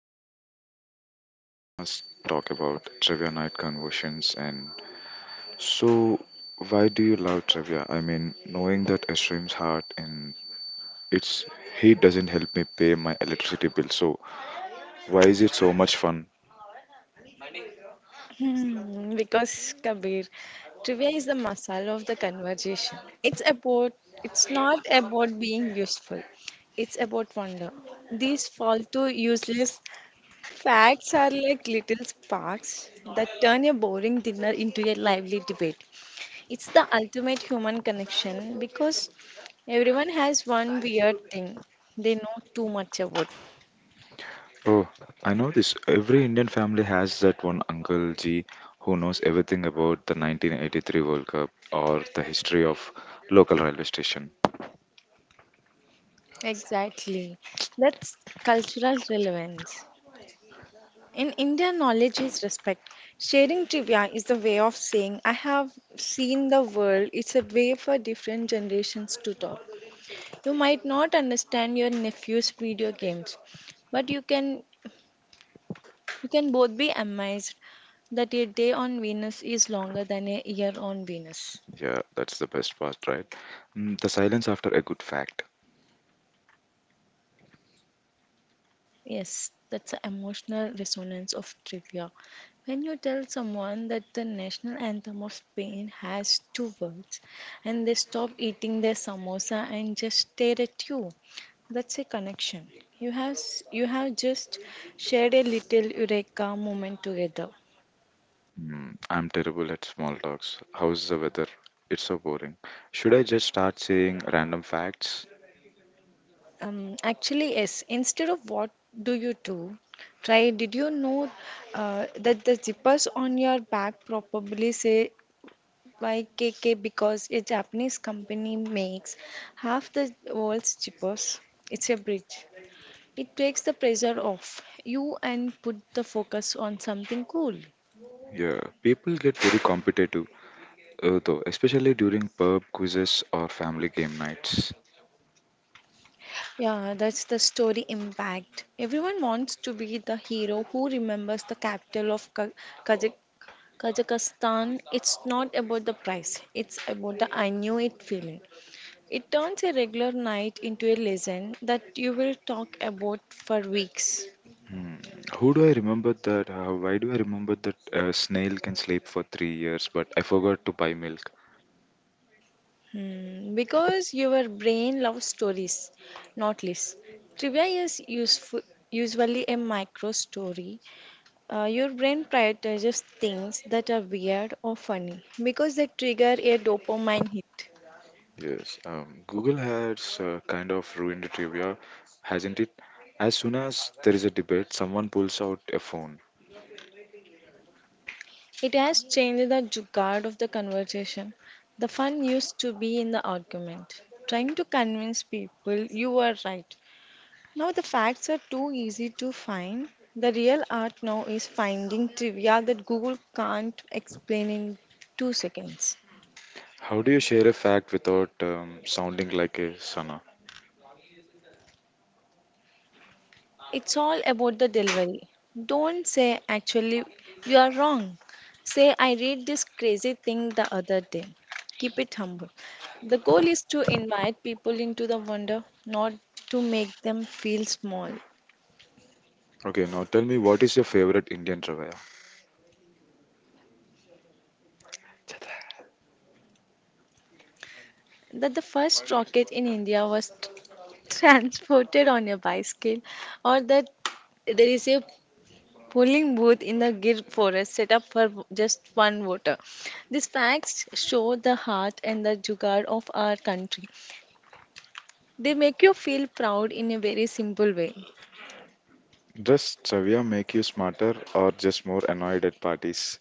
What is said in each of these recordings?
guest with us, and we're gonna talk about trivia night conversions. So, why do you love trivia? I mean, knowing that Ashrim's heart and its heat doesn't help me pay my electricity bill. So why is it so much fun? Because Kabir, trivia is the masala of the conversation. It's not about being useful. It's about wonder. These falto useless facts are like little sparks that turn a boring dinner into a lively debate. It's the ultimate human connection because everyone has one weird thing they know too much about. Oh, I know this. Every Indian family has that one uncle G who knows everything about the 1983 World Cup or the history of local railway station. Exactly. That's cultural relevance. In India, knowledge is respect. Sharing trivia is the way of saying, I have seen the world. It's a way for different generations to talk. You might not understand your nephew's video games, but you can both be amazed that a day on Venus is longer than a year on Venus. Yeah, that's the best part, right? Mm, the silence after a good fact. Yes, that's the emotional resonance of trivia. When you tell someone that the national anthem of Spain has two words and they stop eating their samosa and just stare at you, that's a connection. You have just shared a little eureka moment together. Mm, I'm terrible at small talks. How's the weather? It's so boring. Should I just start saying random facts? Actually, yes. Instead of what do you do? Try. Did you know that the zippers on your bag probably say YKK because a Japanese company makes half the world's chippers. It's a bridge. It takes the pressure off you and put the focus on something cool. Yeah, people get very competitive, though, especially during pub quizzes or family game nights. Yeah, that's the story impact. Everyone wants to be the hero who remembers the capital of Kazakh- Kazakhstan. It's not about the price, it's about the I knew it feeling. It turns a regular night into a lesson that you will talk about for weeks. Hmm. Who do I remember that? Why do I remember that a snail can sleep for 3 years, but I forgot to buy milk? Because your brain loves stories, not lists. Trivia is useful, usually a micro story. Your brain prioritizes things that are weird or funny because they trigger a dopamine hit. Yes, Google has kind of ruined trivia, hasn't it? As soon as there is a debate, someone pulls out a phone. It has changed the jugaad of the conversation. The fun used to be in the argument, trying to convince people you were right. Now the facts are too easy to find. The real art now is finding trivia that Google can't explain in 2 seconds. How do you share a fact without sounding like a sana? It's all about the delivery. Don't say, actually, you are wrong. Say, I read this crazy thing the other day. Keep it humble. The goal is to invite people into the wonder, not to make them feel small. Okay, now tell me, what is your favorite Indian trivia? That the first rocket in India was transported on a bicycle, or that there is a polling booth in the Gir forest set up for just one voter. These facts show the heart and the jugaad of our country. They make you feel proud in a very simple way. Does trivia make you smarter or just more annoyed at parties?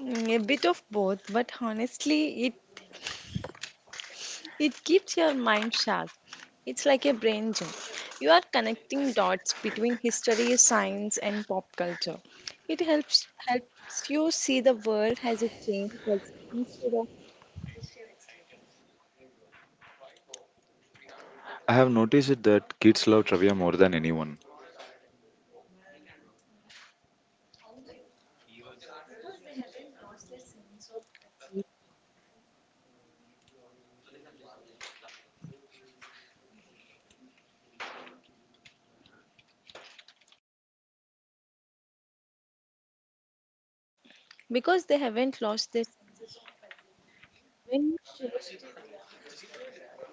Mm, a bit of both, but honestly, it keeps your mind sharp. It's like a brain gym. You are connecting dots between history, science, and pop culture. It helps you see the world has a changed like, instead of I have noticed it that kids love trivia more than anyone. because they haven't lost their sense. When you share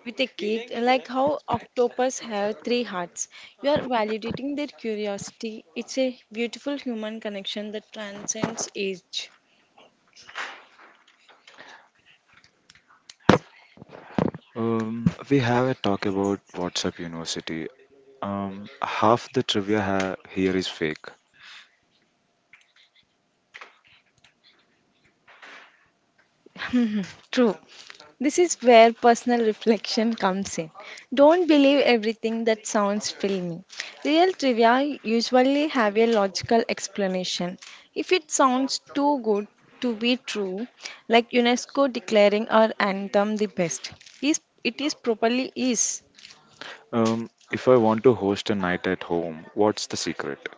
with a kid, like how octopus have three hearts, you are validating their curiosity. It's a beautiful human connection that transcends age. We have a talk about WhatsApp University. Half the trivia here is fake. True. This is where personal reflection comes in. Don't believe everything that sounds filmy. Real trivia usually have a logical explanation. If it sounds too good to be true, like UNESCO declaring our anthem the best, is it is properly is. If I want to host a night at home, what's the secret?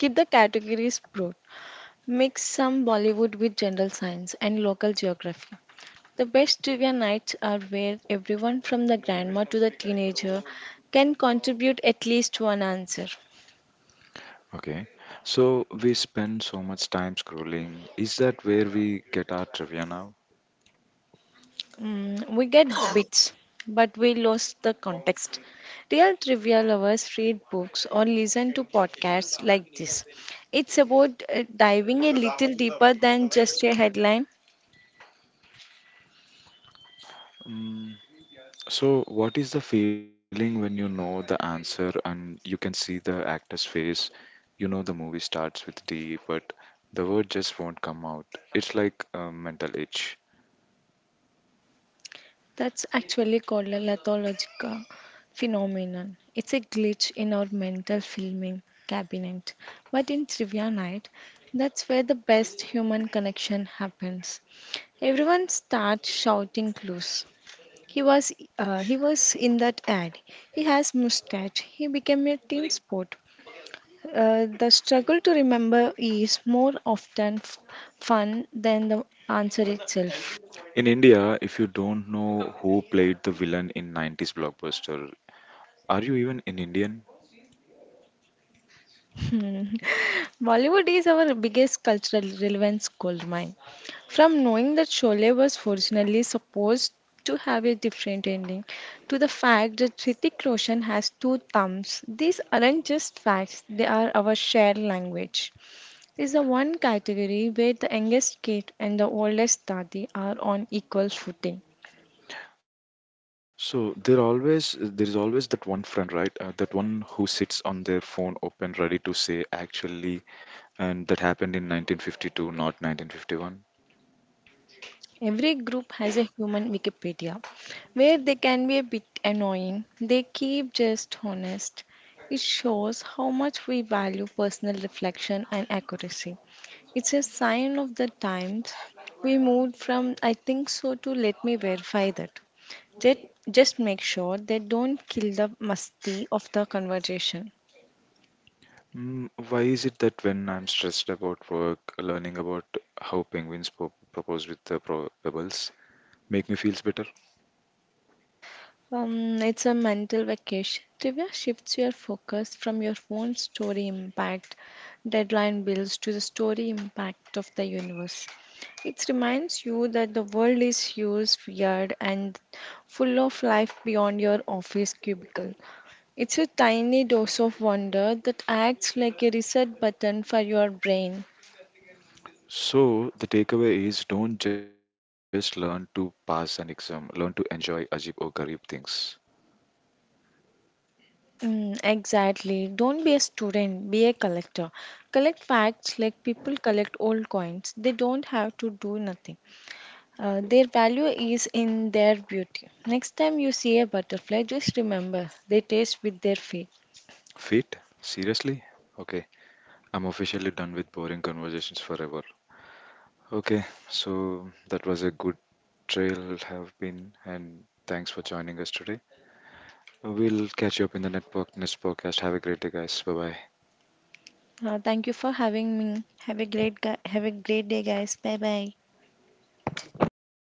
Keep the categories broad. Mix some Bollywood with general science and local geography. The best trivia nights are where everyone from the grandma to the teenager can contribute at least one answer. Okay, so we spend so much time scrolling. Is that where we get our trivia now? Mm, we get bits, but we lost the context. Real trivia lovers read books or listen to podcasts like this. It's about diving a little deeper than just a headline. Mm, so, what is the feeling when you know the answer and you can see the actor's face? You know, the movie starts with D, but the word just won't come out. It's like a mental itch. That's actually called a lithological phenomenon. It's a glitch in our mental filming cabinet. But in trivia night, that's where the best human connection happens. Everyone starts shouting clues. He was he was in that ad. He has mustache. He became a team sport. The struggle to remember is more often fun than the answer itself. In India, if you don't know who played the villain in 90s blockbuster, are you even an Indian? Hmm. Bollywood is our biggest cultural relevance goldmine. From knowing that Sholay was originally supposed to have a different ending to the fact that Hrithik Roshan has two thumbs, these aren't just facts, they are our shared language. It's the one category where the youngest kid and the oldest dadi are on equal footing. There is always that one friend, right? That one who sits on their phone open, ready to say actually, and that happened in 1952, not 1951. Every group has a human Wikipedia where they can be a bit annoying. They keep just honest. It shows how much we value personal reflection and accuracy. It's a sign of the times we moved from I think so to let me verify that. Just, just make sure they don't kill the musty of the conversation. Mm, why is it that when I'm stressed about work, learning about how penguins propose with the pebbles make me feels better? It's a mental vacation. Trivia shifts your focus from your own story impact, deadline bills, to the story impact of the universe. It reminds you that the world is huge, weird, and full of life beyond your office cubicle. It's a tiny dose of wonder that acts like a reset button for your brain. So the takeaway is, don't just learn to pass an exam, learn to enjoy ajib or garib things. Mm, exactly. Don't be a student, be a collector. Collect facts like people collect old coins. They don't have to do nothing. Their value is in their beauty. Next time you see a butterfly, just remember they taste with their feet. Fit? Seriously? Okay. I'm officially done with boring conversations forever. Okay, so that was a good trail have been, and thanks for joining us today. We'll catch you up in the network next podcast. Have a great day guys. Bye bye. Thank you for having me. Have a great day, guys. Bye bye.